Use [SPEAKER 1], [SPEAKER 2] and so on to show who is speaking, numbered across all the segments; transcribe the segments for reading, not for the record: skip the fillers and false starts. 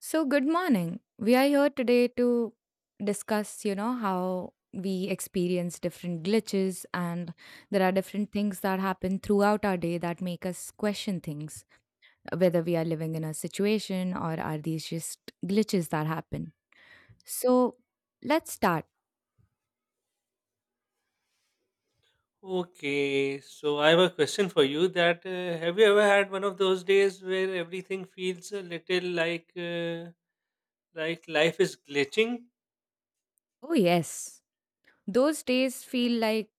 [SPEAKER 1] So, good morning. We are here today to discuss, how we experience different glitches and there are different things that happen throughout our day that make us question things, whether we are living in a situation or are these just glitches that happen. So, let's start.
[SPEAKER 2] Okay, so I have a question for you that have you ever had one of those days where everything feels a little like life is glitching?
[SPEAKER 1] Oh, yes. Those days feel like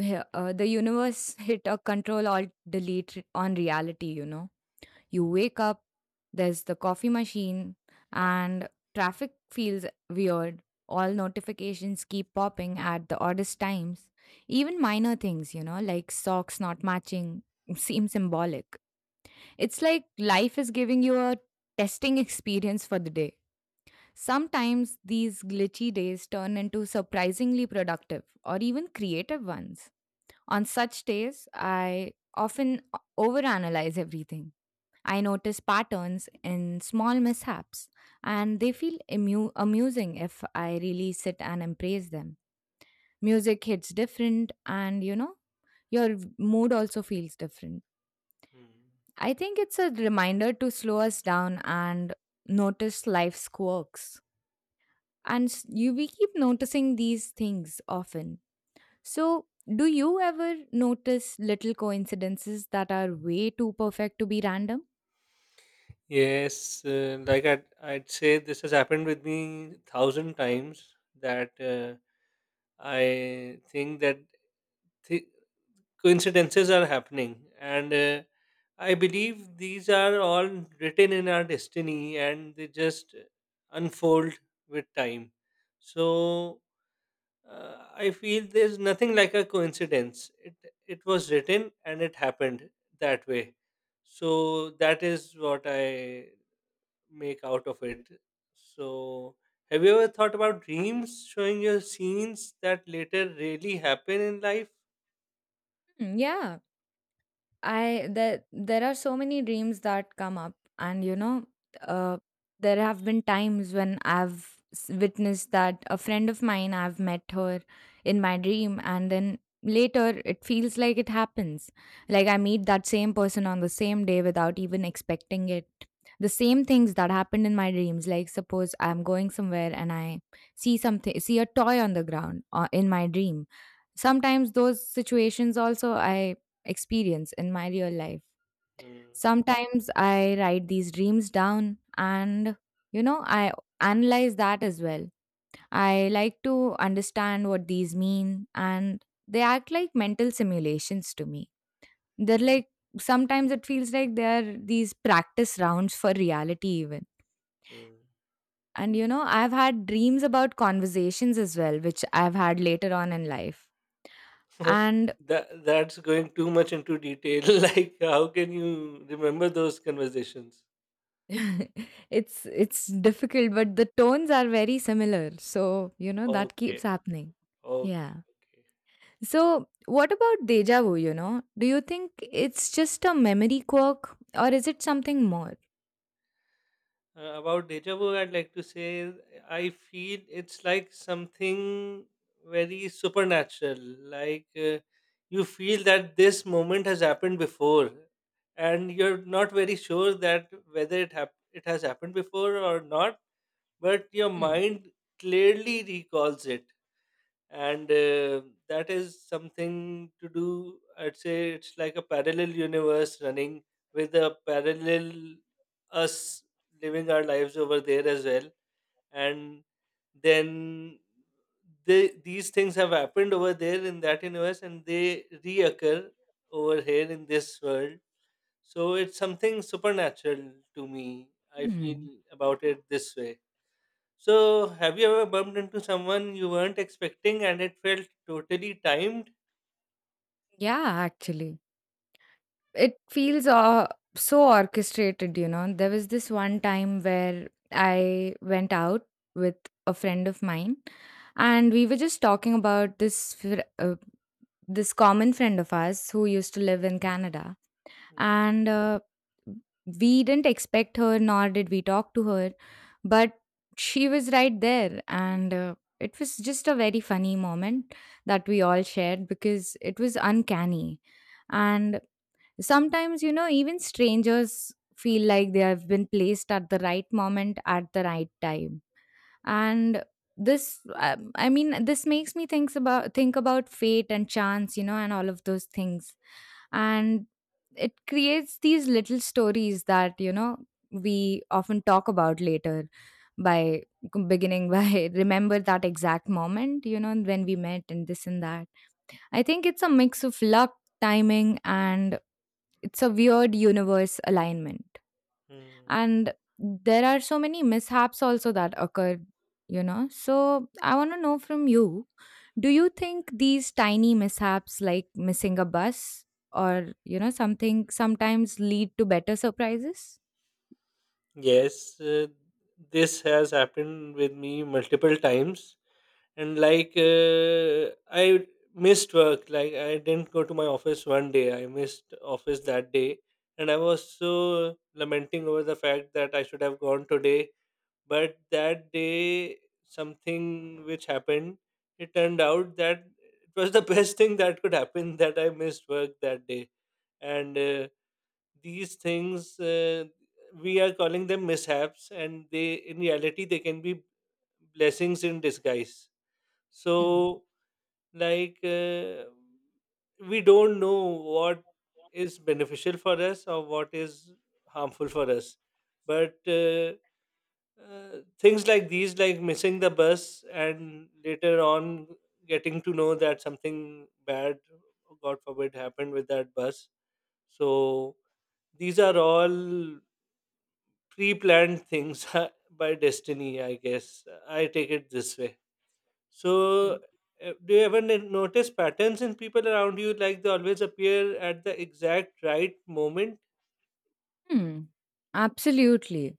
[SPEAKER 1] the universe hit a control alt delete on reality. You wake up, there's the coffee machine, and traffic feels weird. All notifications keep popping at the oddest times. Even minor things, like socks not matching, seem symbolic. It's like life is giving you a testing experience for the day. Sometimes these glitchy days turn into surprisingly productive or even creative ones. On such days, I often overanalyze everything. I notice patterns in small mishaps, and they feel amusing if I really sit and embrace them. Music hits different, and your mood also feels different.
[SPEAKER 2] Hmm.
[SPEAKER 1] I think it's a reminder to slow us down and notice life's quirks. And we keep noticing these things often. So, do you ever notice little coincidences that are way too perfect to be random?
[SPEAKER 2] Yes, like I'd say this has happened with me thousand times that I think that thi coincidences are happening and I believe these are all written in our destiny and they just unfold with time. So I feel there's nothing like a coincidence. It was written and it happened that way, so that is what I make out of it. So have you ever thought about dreams showing you scenes that later really happen in life?
[SPEAKER 1] Mm, yeah, I that there are so many dreams that come up, and uh, there have been times when I've witnessed that a friend of mine I've met her in my dream, and then later it feels like it happens. Like I meet that same person on the same day without even expecting it. The same things that happened in my dreams, like suppose I'm going somewhere and I see a toy on the ground in my dream. Sometimes those situations also I experience in my real life.
[SPEAKER 2] Hmm,
[SPEAKER 1] Sometimes I write these dreams down and, I analyze that as well. I like to understand what these mean and they act like mental simulations to me. They're like, sometimes it feels like they're these practice rounds for reality, even.
[SPEAKER 2] hmm.
[SPEAKER 1] And, I've had dreams about conversations as well, which I've had later on in life
[SPEAKER 2] Oh,
[SPEAKER 1] and
[SPEAKER 2] that's going too much into detail. Like, how can you remember those conversations?
[SPEAKER 1] It's difficult, but the tones are very similar. So, that
[SPEAKER 2] Okay,
[SPEAKER 1] keeps happening.
[SPEAKER 2] okay,
[SPEAKER 1] Yeah.
[SPEAKER 2] okay.
[SPEAKER 1] So, what about deja vu, you know? Do you think it's just a memory quirk or is it something more?
[SPEAKER 2] About deja vu, I'd like to say I feel it's like something very supernatural. Like you feel that this moment has happened before, and you're not very sure that whether it it has happened before or not, but your
[SPEAKER 1] Hmm.
[SPEAKER 2] mind clearly recalls it. And that is something to do, I'd say it's like a parallel universe running with a parallel us living our lives over there as well. And then they, these things have happened over there in that universe, and they reoccur over here in this world, so it's something supernatural to me, I feel
[SPEAKER 1] Hmm.
[SPEAKER 2] about it this way. So, have you ever bumped into someone you weren't expecting and it felt totally timed?
[SPEAKER 1] Yeah, actually. It feels so orchestrated. There was this one time where I went out with a friend of mine and we were just talking about this this common friend of ours who used to live in Canada. And we didn't expect her, nor did we talk to her, but she was right there. And it was just a very funny moment that we all shared because it was uncanny. And sometimes, even strangers feel like they have been placed at the right moment at the right time, and this I mean, this makes me think about fate and chance and all of those things, and it creates these little stories that we often talk about later, by beginning by remember that exact moment when we met and this and that. I think it's a mix of luck, timing, and it's a weird universe alignment.
[SPEAKER 2] Hmm.
[SPEAKER 1] And there are so many mishaps also that occur, so I want to know from you, do you think these tiny mishaps like missing a bus or something sometimes lead to better surprises?
[SPEAKER 2] Yes, this has happened with me multiple times. And like, I missed work. Like, I didn't go to my office one day. I missed office that day. And I was so lamenting over the fact that I should have gone today. But that day, something which happened, it turned out that it was the best thing that could happen, that I missed work that day. And these things, we are calling them mishaps, and they, in reality, they can be blessings in disguise.
[SPEAKER 1] Mm,
[SPEAKER 2] So, like, we don't know what is beneficial for us or what is harmful for us. But things like these, like missing the bus and later on getting to know that something bad, god forbid, happened with that bus, so these are all pre-planned things by destiny, I guess. I take it this way. So
[SPEAKER 1] mm,
[SPEAKER 2] do you ever notice patterns in people around you, like they always appear at the exact right moment?
[SPEAKER 1] mm. Absolutely.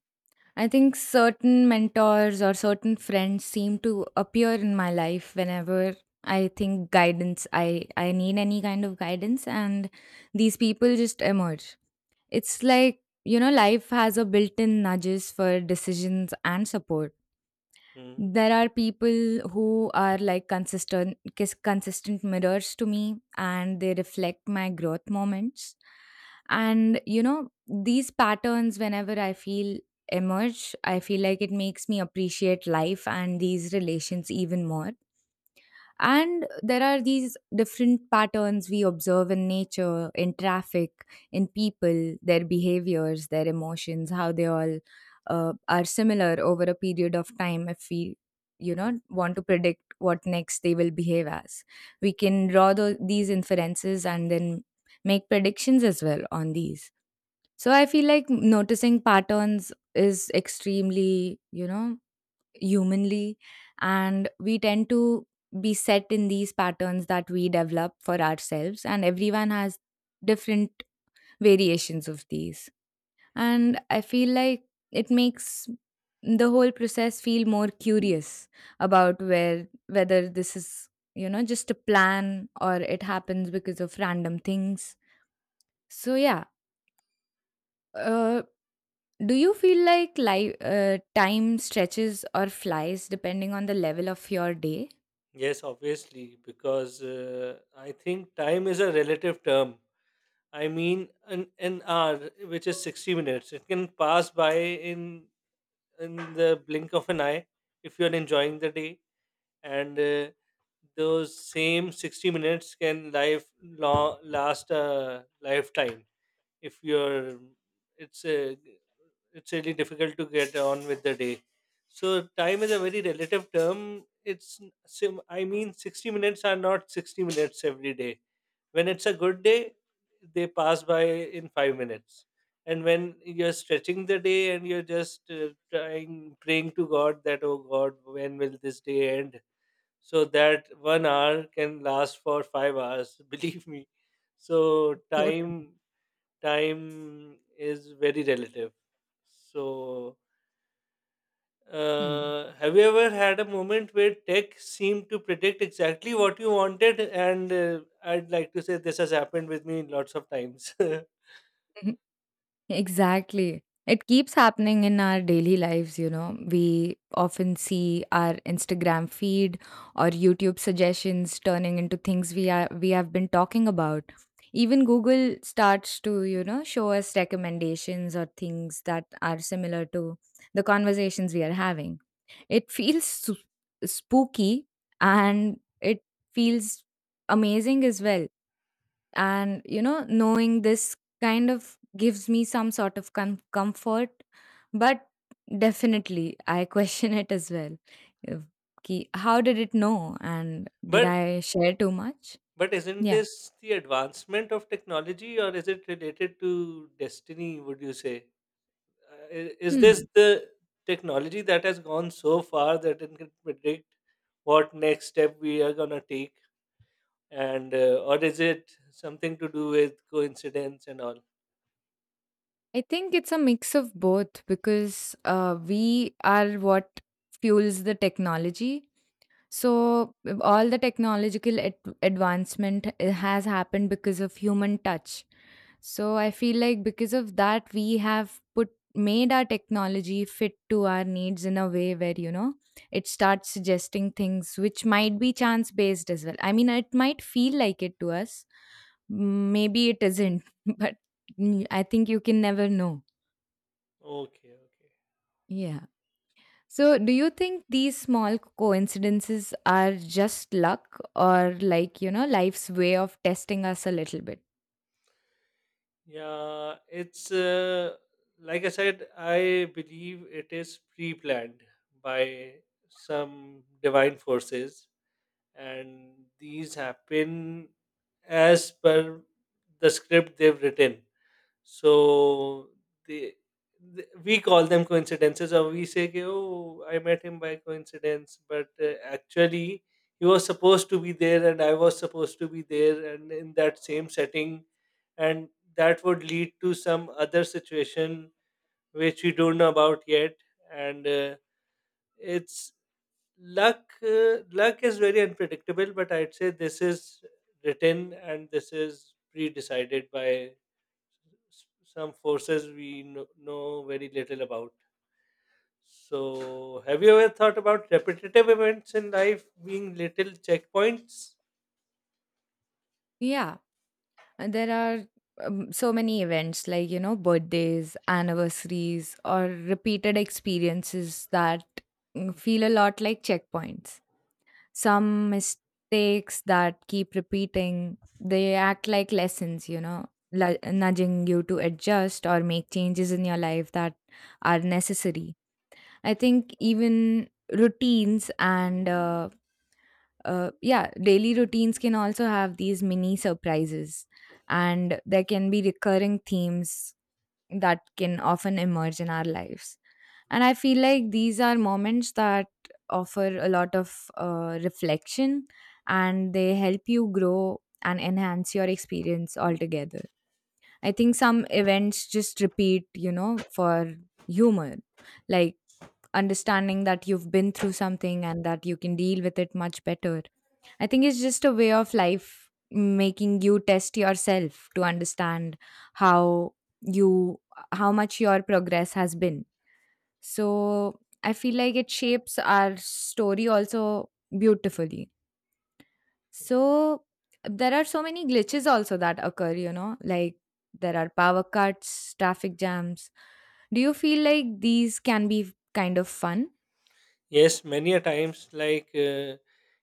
[SPEAKER 1] I think certain mentors or certain friends seem to appear in my life whenever I need any kind of guidance, and these people just emerge. It's like, life has a built in nudges for decisions and support.
[SPEAKER 2] Mm.
[SPEAKER 1] There are people who are like consistent consistent mirrors to me and they reflect my growth moments, and these patterns, whenever I feel emerge, I feel like it makes me appreciate life and these relations even more. And there are these different patterns we observe in nature, in traffic, in people, their behaviors, their emotions, how they all are similar over a period of time if we want to predict what next they will behave as. We can draw these inferences and then make predictions as well on these. So I feel like noticing patterns is extremely humanly, and we tend to be set in these patterns that we develop for ourselves, and everyone has different variations of these. And I feel like it makes the whole process feel more curious about where whether this is just a plan or it happens because of random things. So yeah, uh, do you feel like time stretches or flies depending on the level of your day?
[SPEAKER 2] Yes, obviously, because I think time is a relative term. I mean, an hour, which is 60 minutes, it can pass by in in the blink of an eye if you're enjoying the day. And those same 60 minutes can life long, last a lifetime if you're, it's a, it's really difficult to get on with the day. So time is a very relative term. I mean, 60 minutes are not 60 minutes every day. When it's a good day, they pass by in 5 minutes. And when you're stretching the day and you're just trying, praying to God that, oh God, when will this day end? So that 1 hour can last for 5 hours, believe me. So,
[SPEAKER 1] So true.
[SPEAKER 2] time Time is very relative. So,
[SPEAKER 1] Hmm.
[SPEAKER 2] have you ever had a moment where tech seemed to predict exactly what you wanted? And I'd like to say this has happened with me lots of times.
[SPEAKER 1] Mhm. Exactly. It keeps happening in our daily lives. We often see our Instagram feed or YouTube suggestions turning into things we have been talking about. Even Google starts to, show us recommendations or things that are similar to the conversations we are having. It feels spooky, and it feels amazing as well, and knowing this kind of gives me some sort of comfort. But definitely I question it as well. If- how did it know, and did
[SPEAKER 2] but
[SPEAKER 1] I share too much?
[SPEAKER 2] but isn't
[SPEAKER 1] Yeah.
[SPEAKER 2] this the advancement of technology, or is it related to destiny? Would you say? Is this
[SPEAKER 1] Hmm.
[SPEAKER 2] the technology that has gone so far that it can predict what next step we are gonna take? And or is it something to do with coincidence and all?
[SPEAKER 1] I think it's a mix of both, because we are what fuels the technology. So all the technological advancement has happened because of human touch. So I feel like because of that, we have put made our technology fit to our needs in a way where it starts suggesting things which might be chance based as well. I mean, it might feel like it to us. Maybe it isn't, but I think you can never know.
[SPEAKER 2] Okay, okay.
[SPEAKER 1] Yeah. So, do you think these small coincidences are just luck, or like, life's way of testing us a little bit?
[SPEAKER 2] Yeah, it's like I said, I believe it is pre-planned by some divine forces, and these happen as per the script they've written. So they, th we call them coincidences, or we say, कि, "Oh, I met him by coincidence," but actually he was supposed to be there, and I was supposed to be there, and in that same setting, and that would lead to some other situation which we don't know about yet. And it's luck. Luck is very unpredictable, but I'd say this is written and this is pre-decided by some forces we know very little about. So, have you ever thought about repetitive events in life being little checkpoints?
[SPEAKER 1] Yeah. And there are so many events like, birthdays, anniversaries, or repeated experiences that feel a lot like checkpoints. Some mistakes that keep repeating, they act like lessons, nudging you to adjust or make changes in your life that are necessary. I think even routines and yeah, daily routines can also have these mini surprises, and there can be recurring themes that can often emerge in our lives. And I feel like these are moments that offer a lot of reflection, and they help you grow and enhance your experience altogether. I think some events just repeat, for humor. Like understanding that you've been through something and that you can deal with it much better. I think it's just a way of life making you test yourself to understand how you how much your progress has been. So I feel like it shapes our story also beautifully.
[SPEAKER 2] Yeah.
[SPEAKER 1] So there are so many glitches also that occur, like there are power cuts, traffic jams. Do you feel like these can be kind of fun?
[SPEAKER 2] Yes, many a times. Like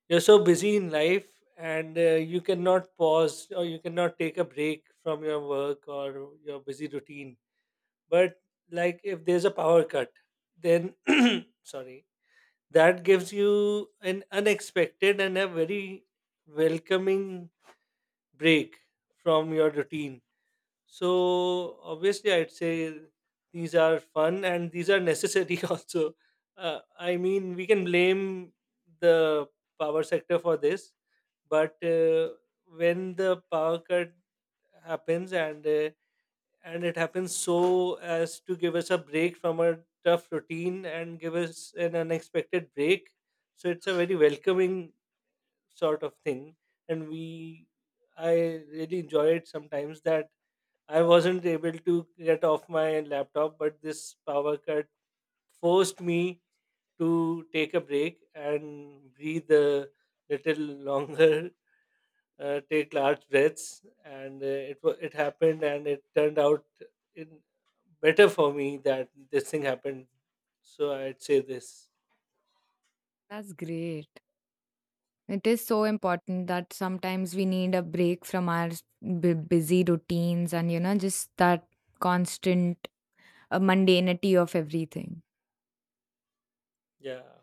[SPEAKER 2] you're so busy in life and you cannot pause or you cannot take a break from your work or your busy routine. But, like, if there's a power cut, then sorry, that gives you an unexpected and a very welcoming break from your routine. So obviously, I'd say these are fun and these are necessary also. I mean, we can blame the power sector for this, but when the power cut happens and it happens so as to give us a break from a tough routine and give us an unexpected break, so it's a very welcoming sort of thing. And we i really enjoy it sometimes, that I wasn't able to get off my laptop but this power cut forced me to take a break and breathe a little longer. Uh, take large breaths and it happened and it turned out in better for me that this thing happened. So I'd say this.
[SPEAKER 1] That's great. It is so important that sometimes we need a break from our busy routines and, just that constant mundanity of everything.
[SPEAKER 2] Yeah.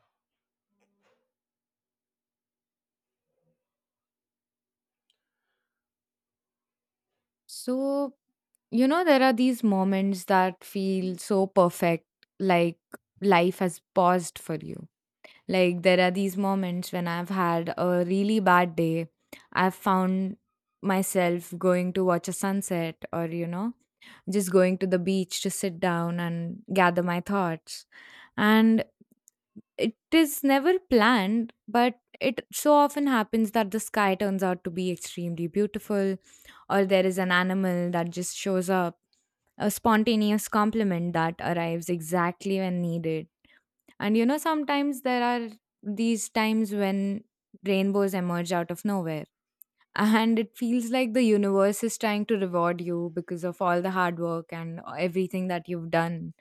[SPEAKER 1] So, there are these moments that feel so perfect, like life has paused for you. Like, there are these moments when I've had a really bad day. I've found myself going to watch a sunset or, just going to the beach to sit down and gather my thoughts. And it is never planned, but it so often happens that the sky turns out to be extremely beautiful, or there is an animal that just shows up, a spontaneous compliment that arrives exactly when needed. And sometimes there are these times when rainbows emerge out of nowhere, and it feels like the universe is trying to reward you because of all the hard work and everything that you've done.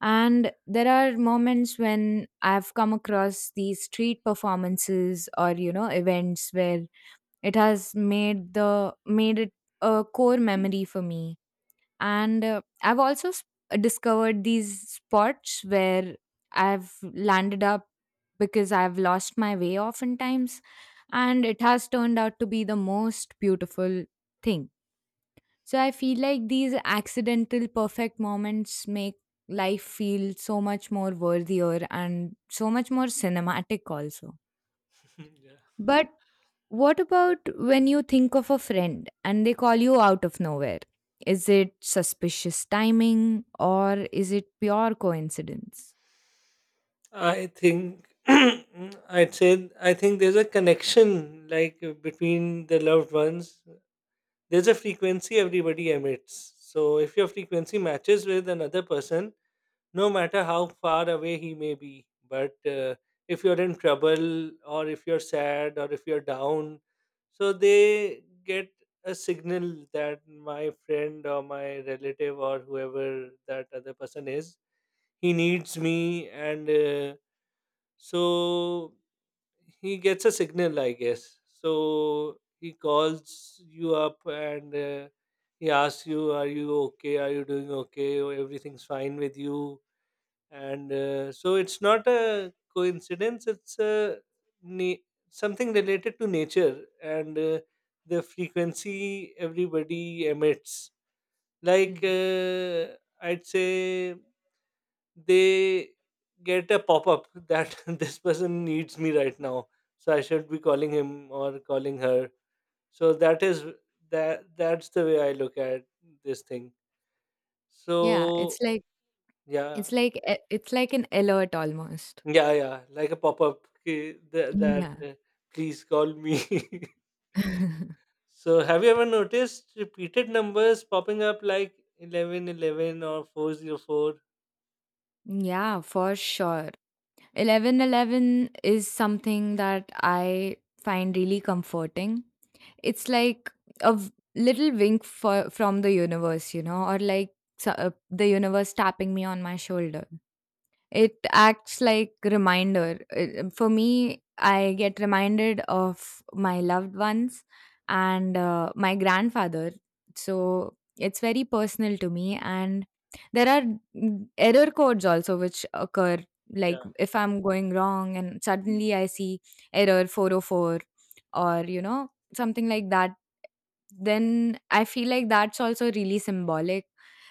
[SPEAKER 1] And there are moments when I've come across these street performances or events where it has made it a core memory for me. And I've also discovered these spots where I've landed up because I've lost my way oftentimes, and it has turned out to be the most beautiful thing. So I feel like these accidental perfect moments make life feel so much more worthier and so much more cinematic, also.
[SPEAKER 2] Yeah,
[SPEAKER 1] But what about when you think of a friend and they call you out of nowhere? Is it suspicious timing or is it pure coincidence?
[SPEAKER 2] I think I'd say I think there's a connection, like between the loved ones. There's a frequency everybody emits. So if your frequency matches with another person, no matter how far away he may be, but if you're in trouble or if you're sad or if you're down, so they get a signal that my friend or my relative or whoever that other person is, he needs me and. So he gets a signal, I guess. So he calls you up and he asks you, are you okay? Are you doing okay? Or everything's fine with you. And so it's not a coincidence, it's a na- something related to nature. And the frequency everybody emits. Like,
[SPEAKER 1] Mm.
[SPEAKER 2] I'd say they get a pop up that this person needs me right now, so I should be calling him or calling her. So that is that's the way I look at this thing.
[SPEAKER 1] Yeah, it's
[SPEAKER 2] So
[SPEAKER 1] like
[SPEAKER 2] yeah.
[SPEAKER 1] it's like an alert almost.
[SPEAKER 2] Yeah, yeah, like a pop up that,
[SPEAKER 1] Yeah.
[SPEAKER 2] please call me. So have you ever noticed repeated numbers popping up like 1111 or 404?
[SPEAKER 1] Yeah, for sure. 1111 is something that I find really comforting. It's like a little wink from the universe, or like the universe tapping me on my shoulder. It acts like reminder. For me, I get reminded of my loved ones and my grandfather. So it's very personal to me and there are error codes also which occur, like
[SPEAKER 2] Yeah,
[SPEAKER 1] if I'm going wrong and suddenly I see error 404 or something like that, then I feel like that's also really symbolic.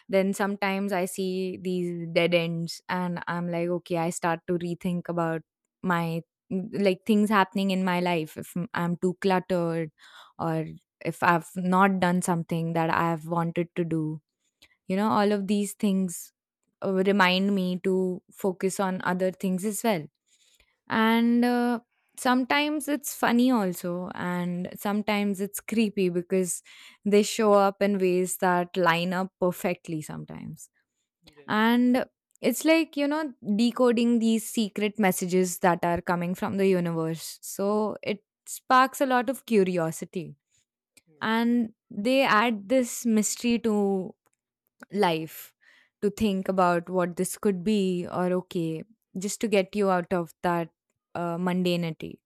[SPEAKER 1] Then sometimes I see these dead ends and I'm like, okay, I start to rethink about my, like, things happening in my life. If I'm too cluttered, or if I've not done something that I've wanted to do, all of these things remind me to focus on other things as well. And sometimes it's funny also, and sometimes it's creepy because they show up in ways that line up perfectly sometimes.
[SPEAKER 2] yes,
[SPEAKER 1] And it's like, you know, decoding these secret messages that are coming from the universe, so it sparks a lot of curiosity.
[SPEAKER 2] yeah.
[SPEAKER 1] And they add this mystery to life, to think about what this could be, or okay, just to get you out of that mundanity.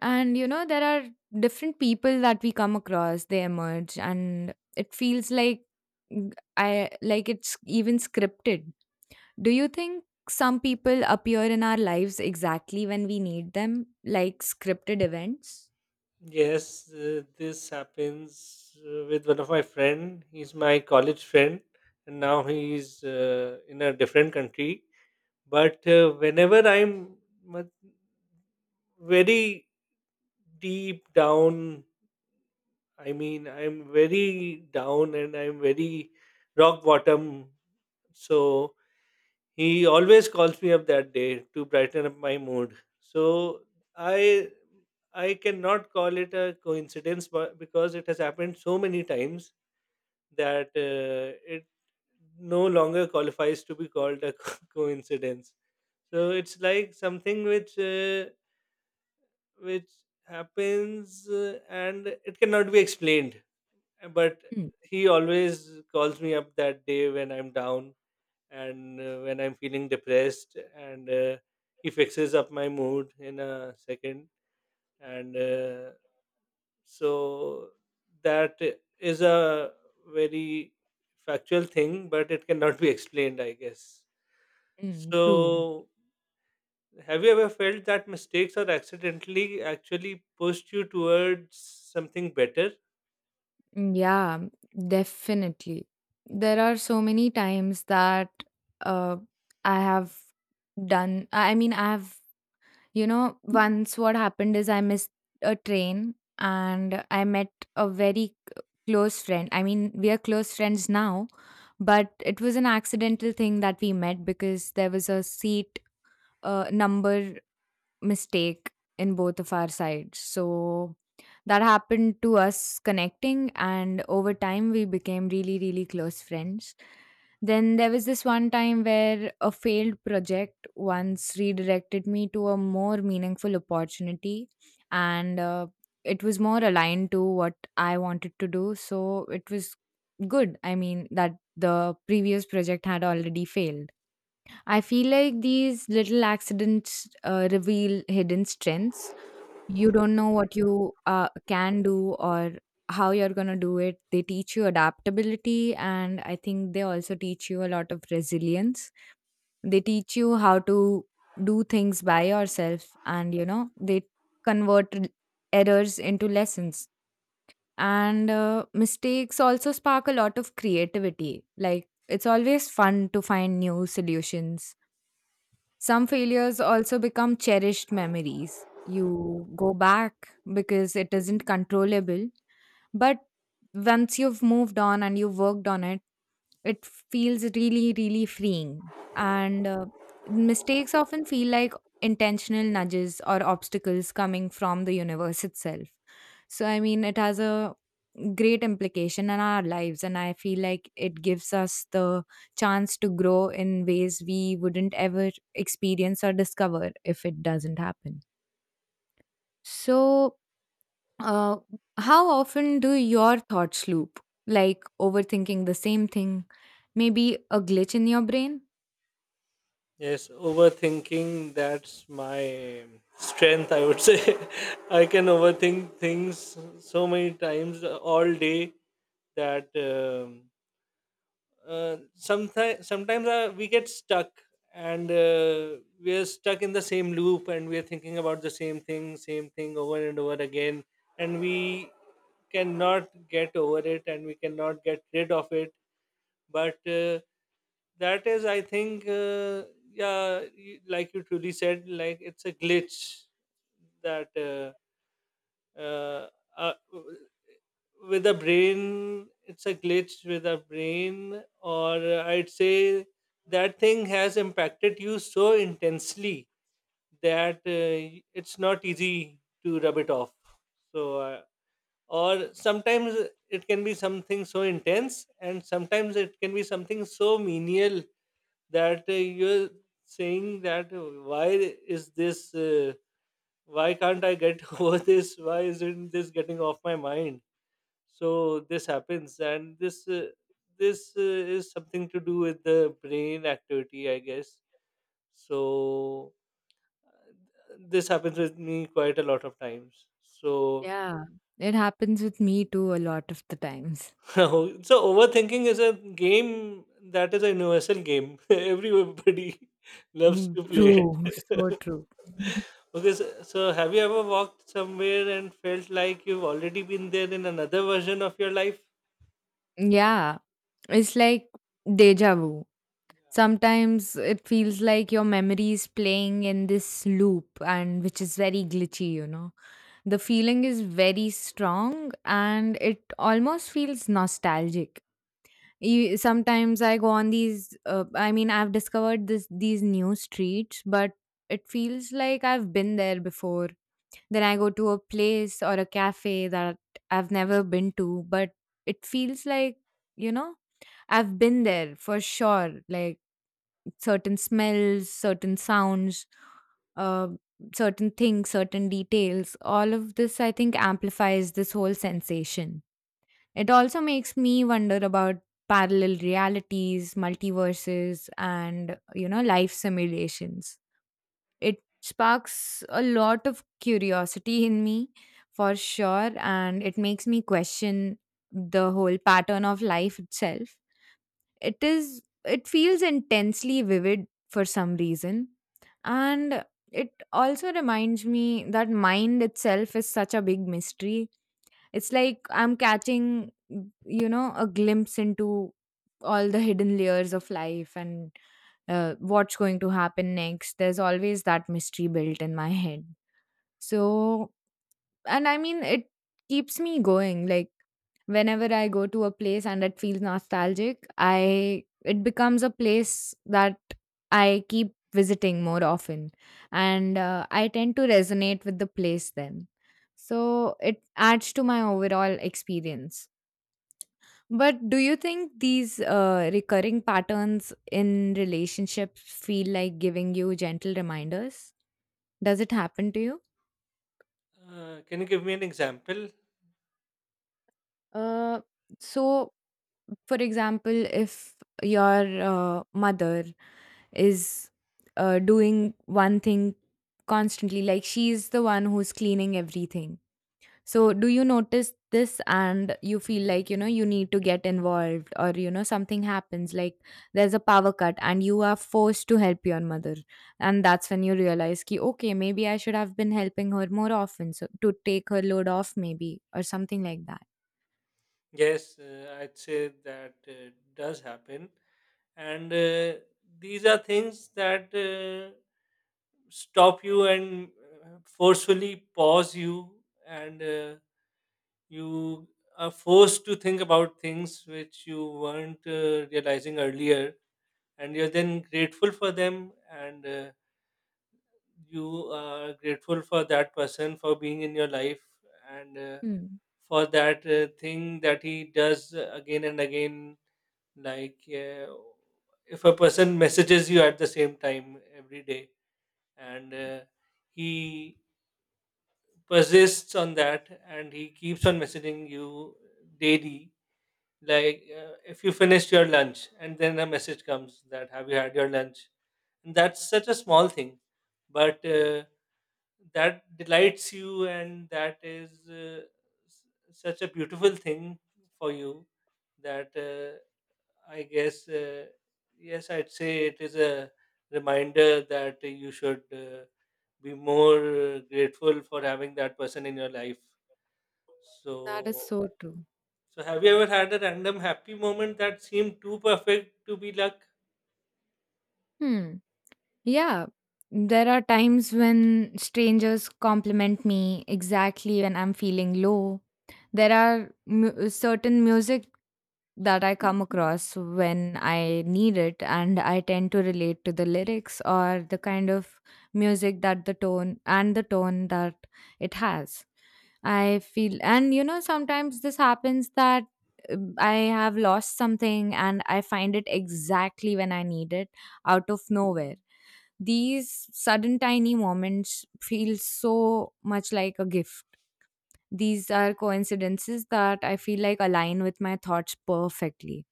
[SPEAKER 1] And there are different people that we come across. They emerge, and it feels like mm, I like it's even scripted. Do you think some people appear in our lives exactly when we need them, like scripted events?
[SPEAKER 2] Yes, this happens with one of my friend. He's my college friend, and now he's in a different country. But whenever I'm mu- very deep down, I mean, I'm very down and I'm very rock bottom. So he always calls me up that day to brighten up my mood. So I I cannot call it a coincidence, but because it has happened so many times that it no longer qualifies to be called a coincidence. So it's like something which happens and it cannot be explained. But
[SPEAKER 1] Mm,
[SPEAKER 2] he always calls me up that day when I'm down and when I'm feeling depressed and he fixes up my mood in a second. And so that is a very factual thing, but it cannot be explained, I guess.
[SPEAKER 1] mm, true.
[SPEAKER 2] So have you ever felt that mistakes or accidentally actually pushed you towards something better?
[SPEAKER 1] Mm, yeah, definitely. There are so many times that uh, I have done, I mean, I have, once what happened is I missed a train and I met a very close friend. I mean, we are close friends now, but it was an accidental thing that we met because there was a seat. Number mistake in both of our sides. So that happened to us connecting, and over time, we became really, really close friends. Then there was this one time where a failed project once redirected me to a more meaningful opportunity, and it was more aligned to what I wanted to do. So it was good. I mean, that the previous project had already failed. I feel like these little accidents reveal hidden strengths. You don't know what you can do or how you're going to do it. They teach you adaptability, and I think they also teach you a lot of resilience. They teach you how to do things by yourself, and you know, they convert errors into lessons. And mistakes also spark a lot of creativity. Like, it's always fun to find new solutions. Some failures also become cherished memories. You go back because it isn't controllable. But once you've moved on and you've worked on it, it feels really, really freeing. And mistakes often feel like intentional nudges or obstacles coming from the universe itself. So, I mean, it has a great implication in our lives, and I feel like it gives us the chance to grow in ways we wouldn't ever experience or discover if it doesn't happen. So, uh, how often do your thoughts loop? Like overthinking the same thing? Maybe a glitch in your brain?
[SPEAKER 2] Yes, overthinking, that's my strength, I would say. I can overthink things so many times all day, that sometimes we get stuck and we are stuck in the same loop and we are thinking about the same thing over and over again, and we cannot get over it and we cannot get rid of it. But that is I think yeah, like you truly said, like it's a glitch that uh, uh, w- with the brain, it's a glitch with the brain. Or I'd say that thing has impacted you so intensely that it's not easy to rub it off. So or sometimes it can be something so intense and sometimes it can be something so menial that you're saying that why is this why can't I get over this, why isn't this getting off my mind? So this happens, and this is something to do with the brain activity, I guess. So this happens with me quite a lot of times. So
[SPEAKER 1] Yeah. It happens with me too a lot of the times.
[SPEAKER 2] so overthinking is a game, that is a universal game, everybody loves
[SPEAKER 1] Mm,
[SPEAKER 2] to play
[SPEAKER 1] true, so
[SPEAKER 2] it.
[SPEAKER 1] true.
[SPEAKER 2] Okay, so, so have you ever walked somewhere and felt like you've already been there in another version of your life?
[SPEAKER 1] yeah, it's like deja vu. Sometimes it feels like your memory is playing in this loop, and which is very glitchy, you know. The feeling is very strong and it almost feels nostalgic. Sometimes I go on these. I mean, I've discovered this these new streets, but it feels like I've been there before. Then I go to a place or a cafe that I've never been to, but it feels like, you know, I've been there for sure. Like certain smells, certain sounds, uh, certain things, certain details. All of this, I think, amplifies this whole sensation. It also makes me wonder about parallel realities, multiverses, and life simulations. It sparks a lot of curiosity in me for sure, and it makes me question the whole pattern of life itself. It feels intensely vivid for some reason, and it also reminds me that mind itself is such a big mystery. It's like I'm catching a glimpse into all the hidden layers of life and what's going to happen next. There's always that mystery built in my head. So, and I mean, it keeps me going. Like, whenever I go to a place and it feels nostalgic, I it becomes a place that I keep visiting more often, and I tend to resonate with the place then. So it adds to my overall experience. But do you think these recurring patterns in relationships feel like giving you gentle reminders? Does it happen to you?
[SPEAKER 2] Can you give me an example?
[SPEAKER 1] Uh, so for example, if your mother is doing one thing constantly, like she's the one who's cleaning everything. So, do you notice this and you feel like, you know, you need to get involved, or, you know, something happens, like there's a power cut and you are forced to help your mother. And that's when you realize, ki, okay, maybe I should have been helping her more often so to take her load off, maybe, or something like that.
[SPEAKER 2] Yes, I'd say that does happen. And these are things that stop you and forcefully pause you, and you are forced to think about things which you weren't realizing earlier, and you're then grateful for them. And you are grateful for that person for being in your life, and
[SPEAKER 1] Hmm.
[SPEAKER 2] for that thing that he does again and again. Like if a person messages you at the same time every day, and he persists on that and he keeps on messaging you daily, like if you finish your lunch and then a message comes that have you had your lunch, and that's such a small thing, but that delights you, and that is s- such a beautiful thing for you. That I guess yes, I'd say it is a reminder that you should be more grateful for having that person in your life.
[SPEAKER 1] That is
[SPEAKER 2] So
[SPEAKER 1] so true.
[SPEAKER 2] so have you ever had a random happy moment that seemed too perfect to be luck?
[SPEAKER 1] Hmm. Yeah, there are times when strangers compliment me exactly when I'm feeling low. There are certain music that I come across when I need it, and I tend to relate to the lyrics or the kind of music that the tone, and the tone that it has. I feel, and you know, sometimes this happens that I have lost something and I find it exactly when I need it out of nowhere. These sudden tiny moments feel so much like a gift. These are coincidences that I feel like align with my thoughts perfectly,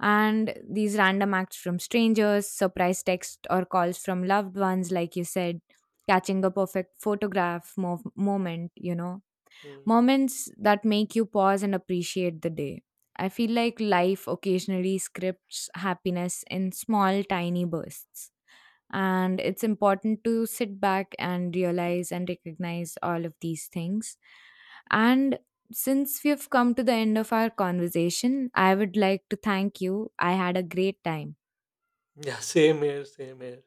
[SPEAKER 1] and these random acts from strangers, surprise texts or calls from loved ones, like you said, catching a perfect photograph moment,
[SPEAKER 2] Hmm.
[SPEAKER 1] moments that make you pause and appreciate the day. I feel like life occasionally scripts happiness in small, tiny bursts. And it's important to sit back and realize and recognize all of these things. And since we have come to the end of our conversation, I would like to thank you. I had a great time.
[SPEAKER 2] Yeah, same here, same here.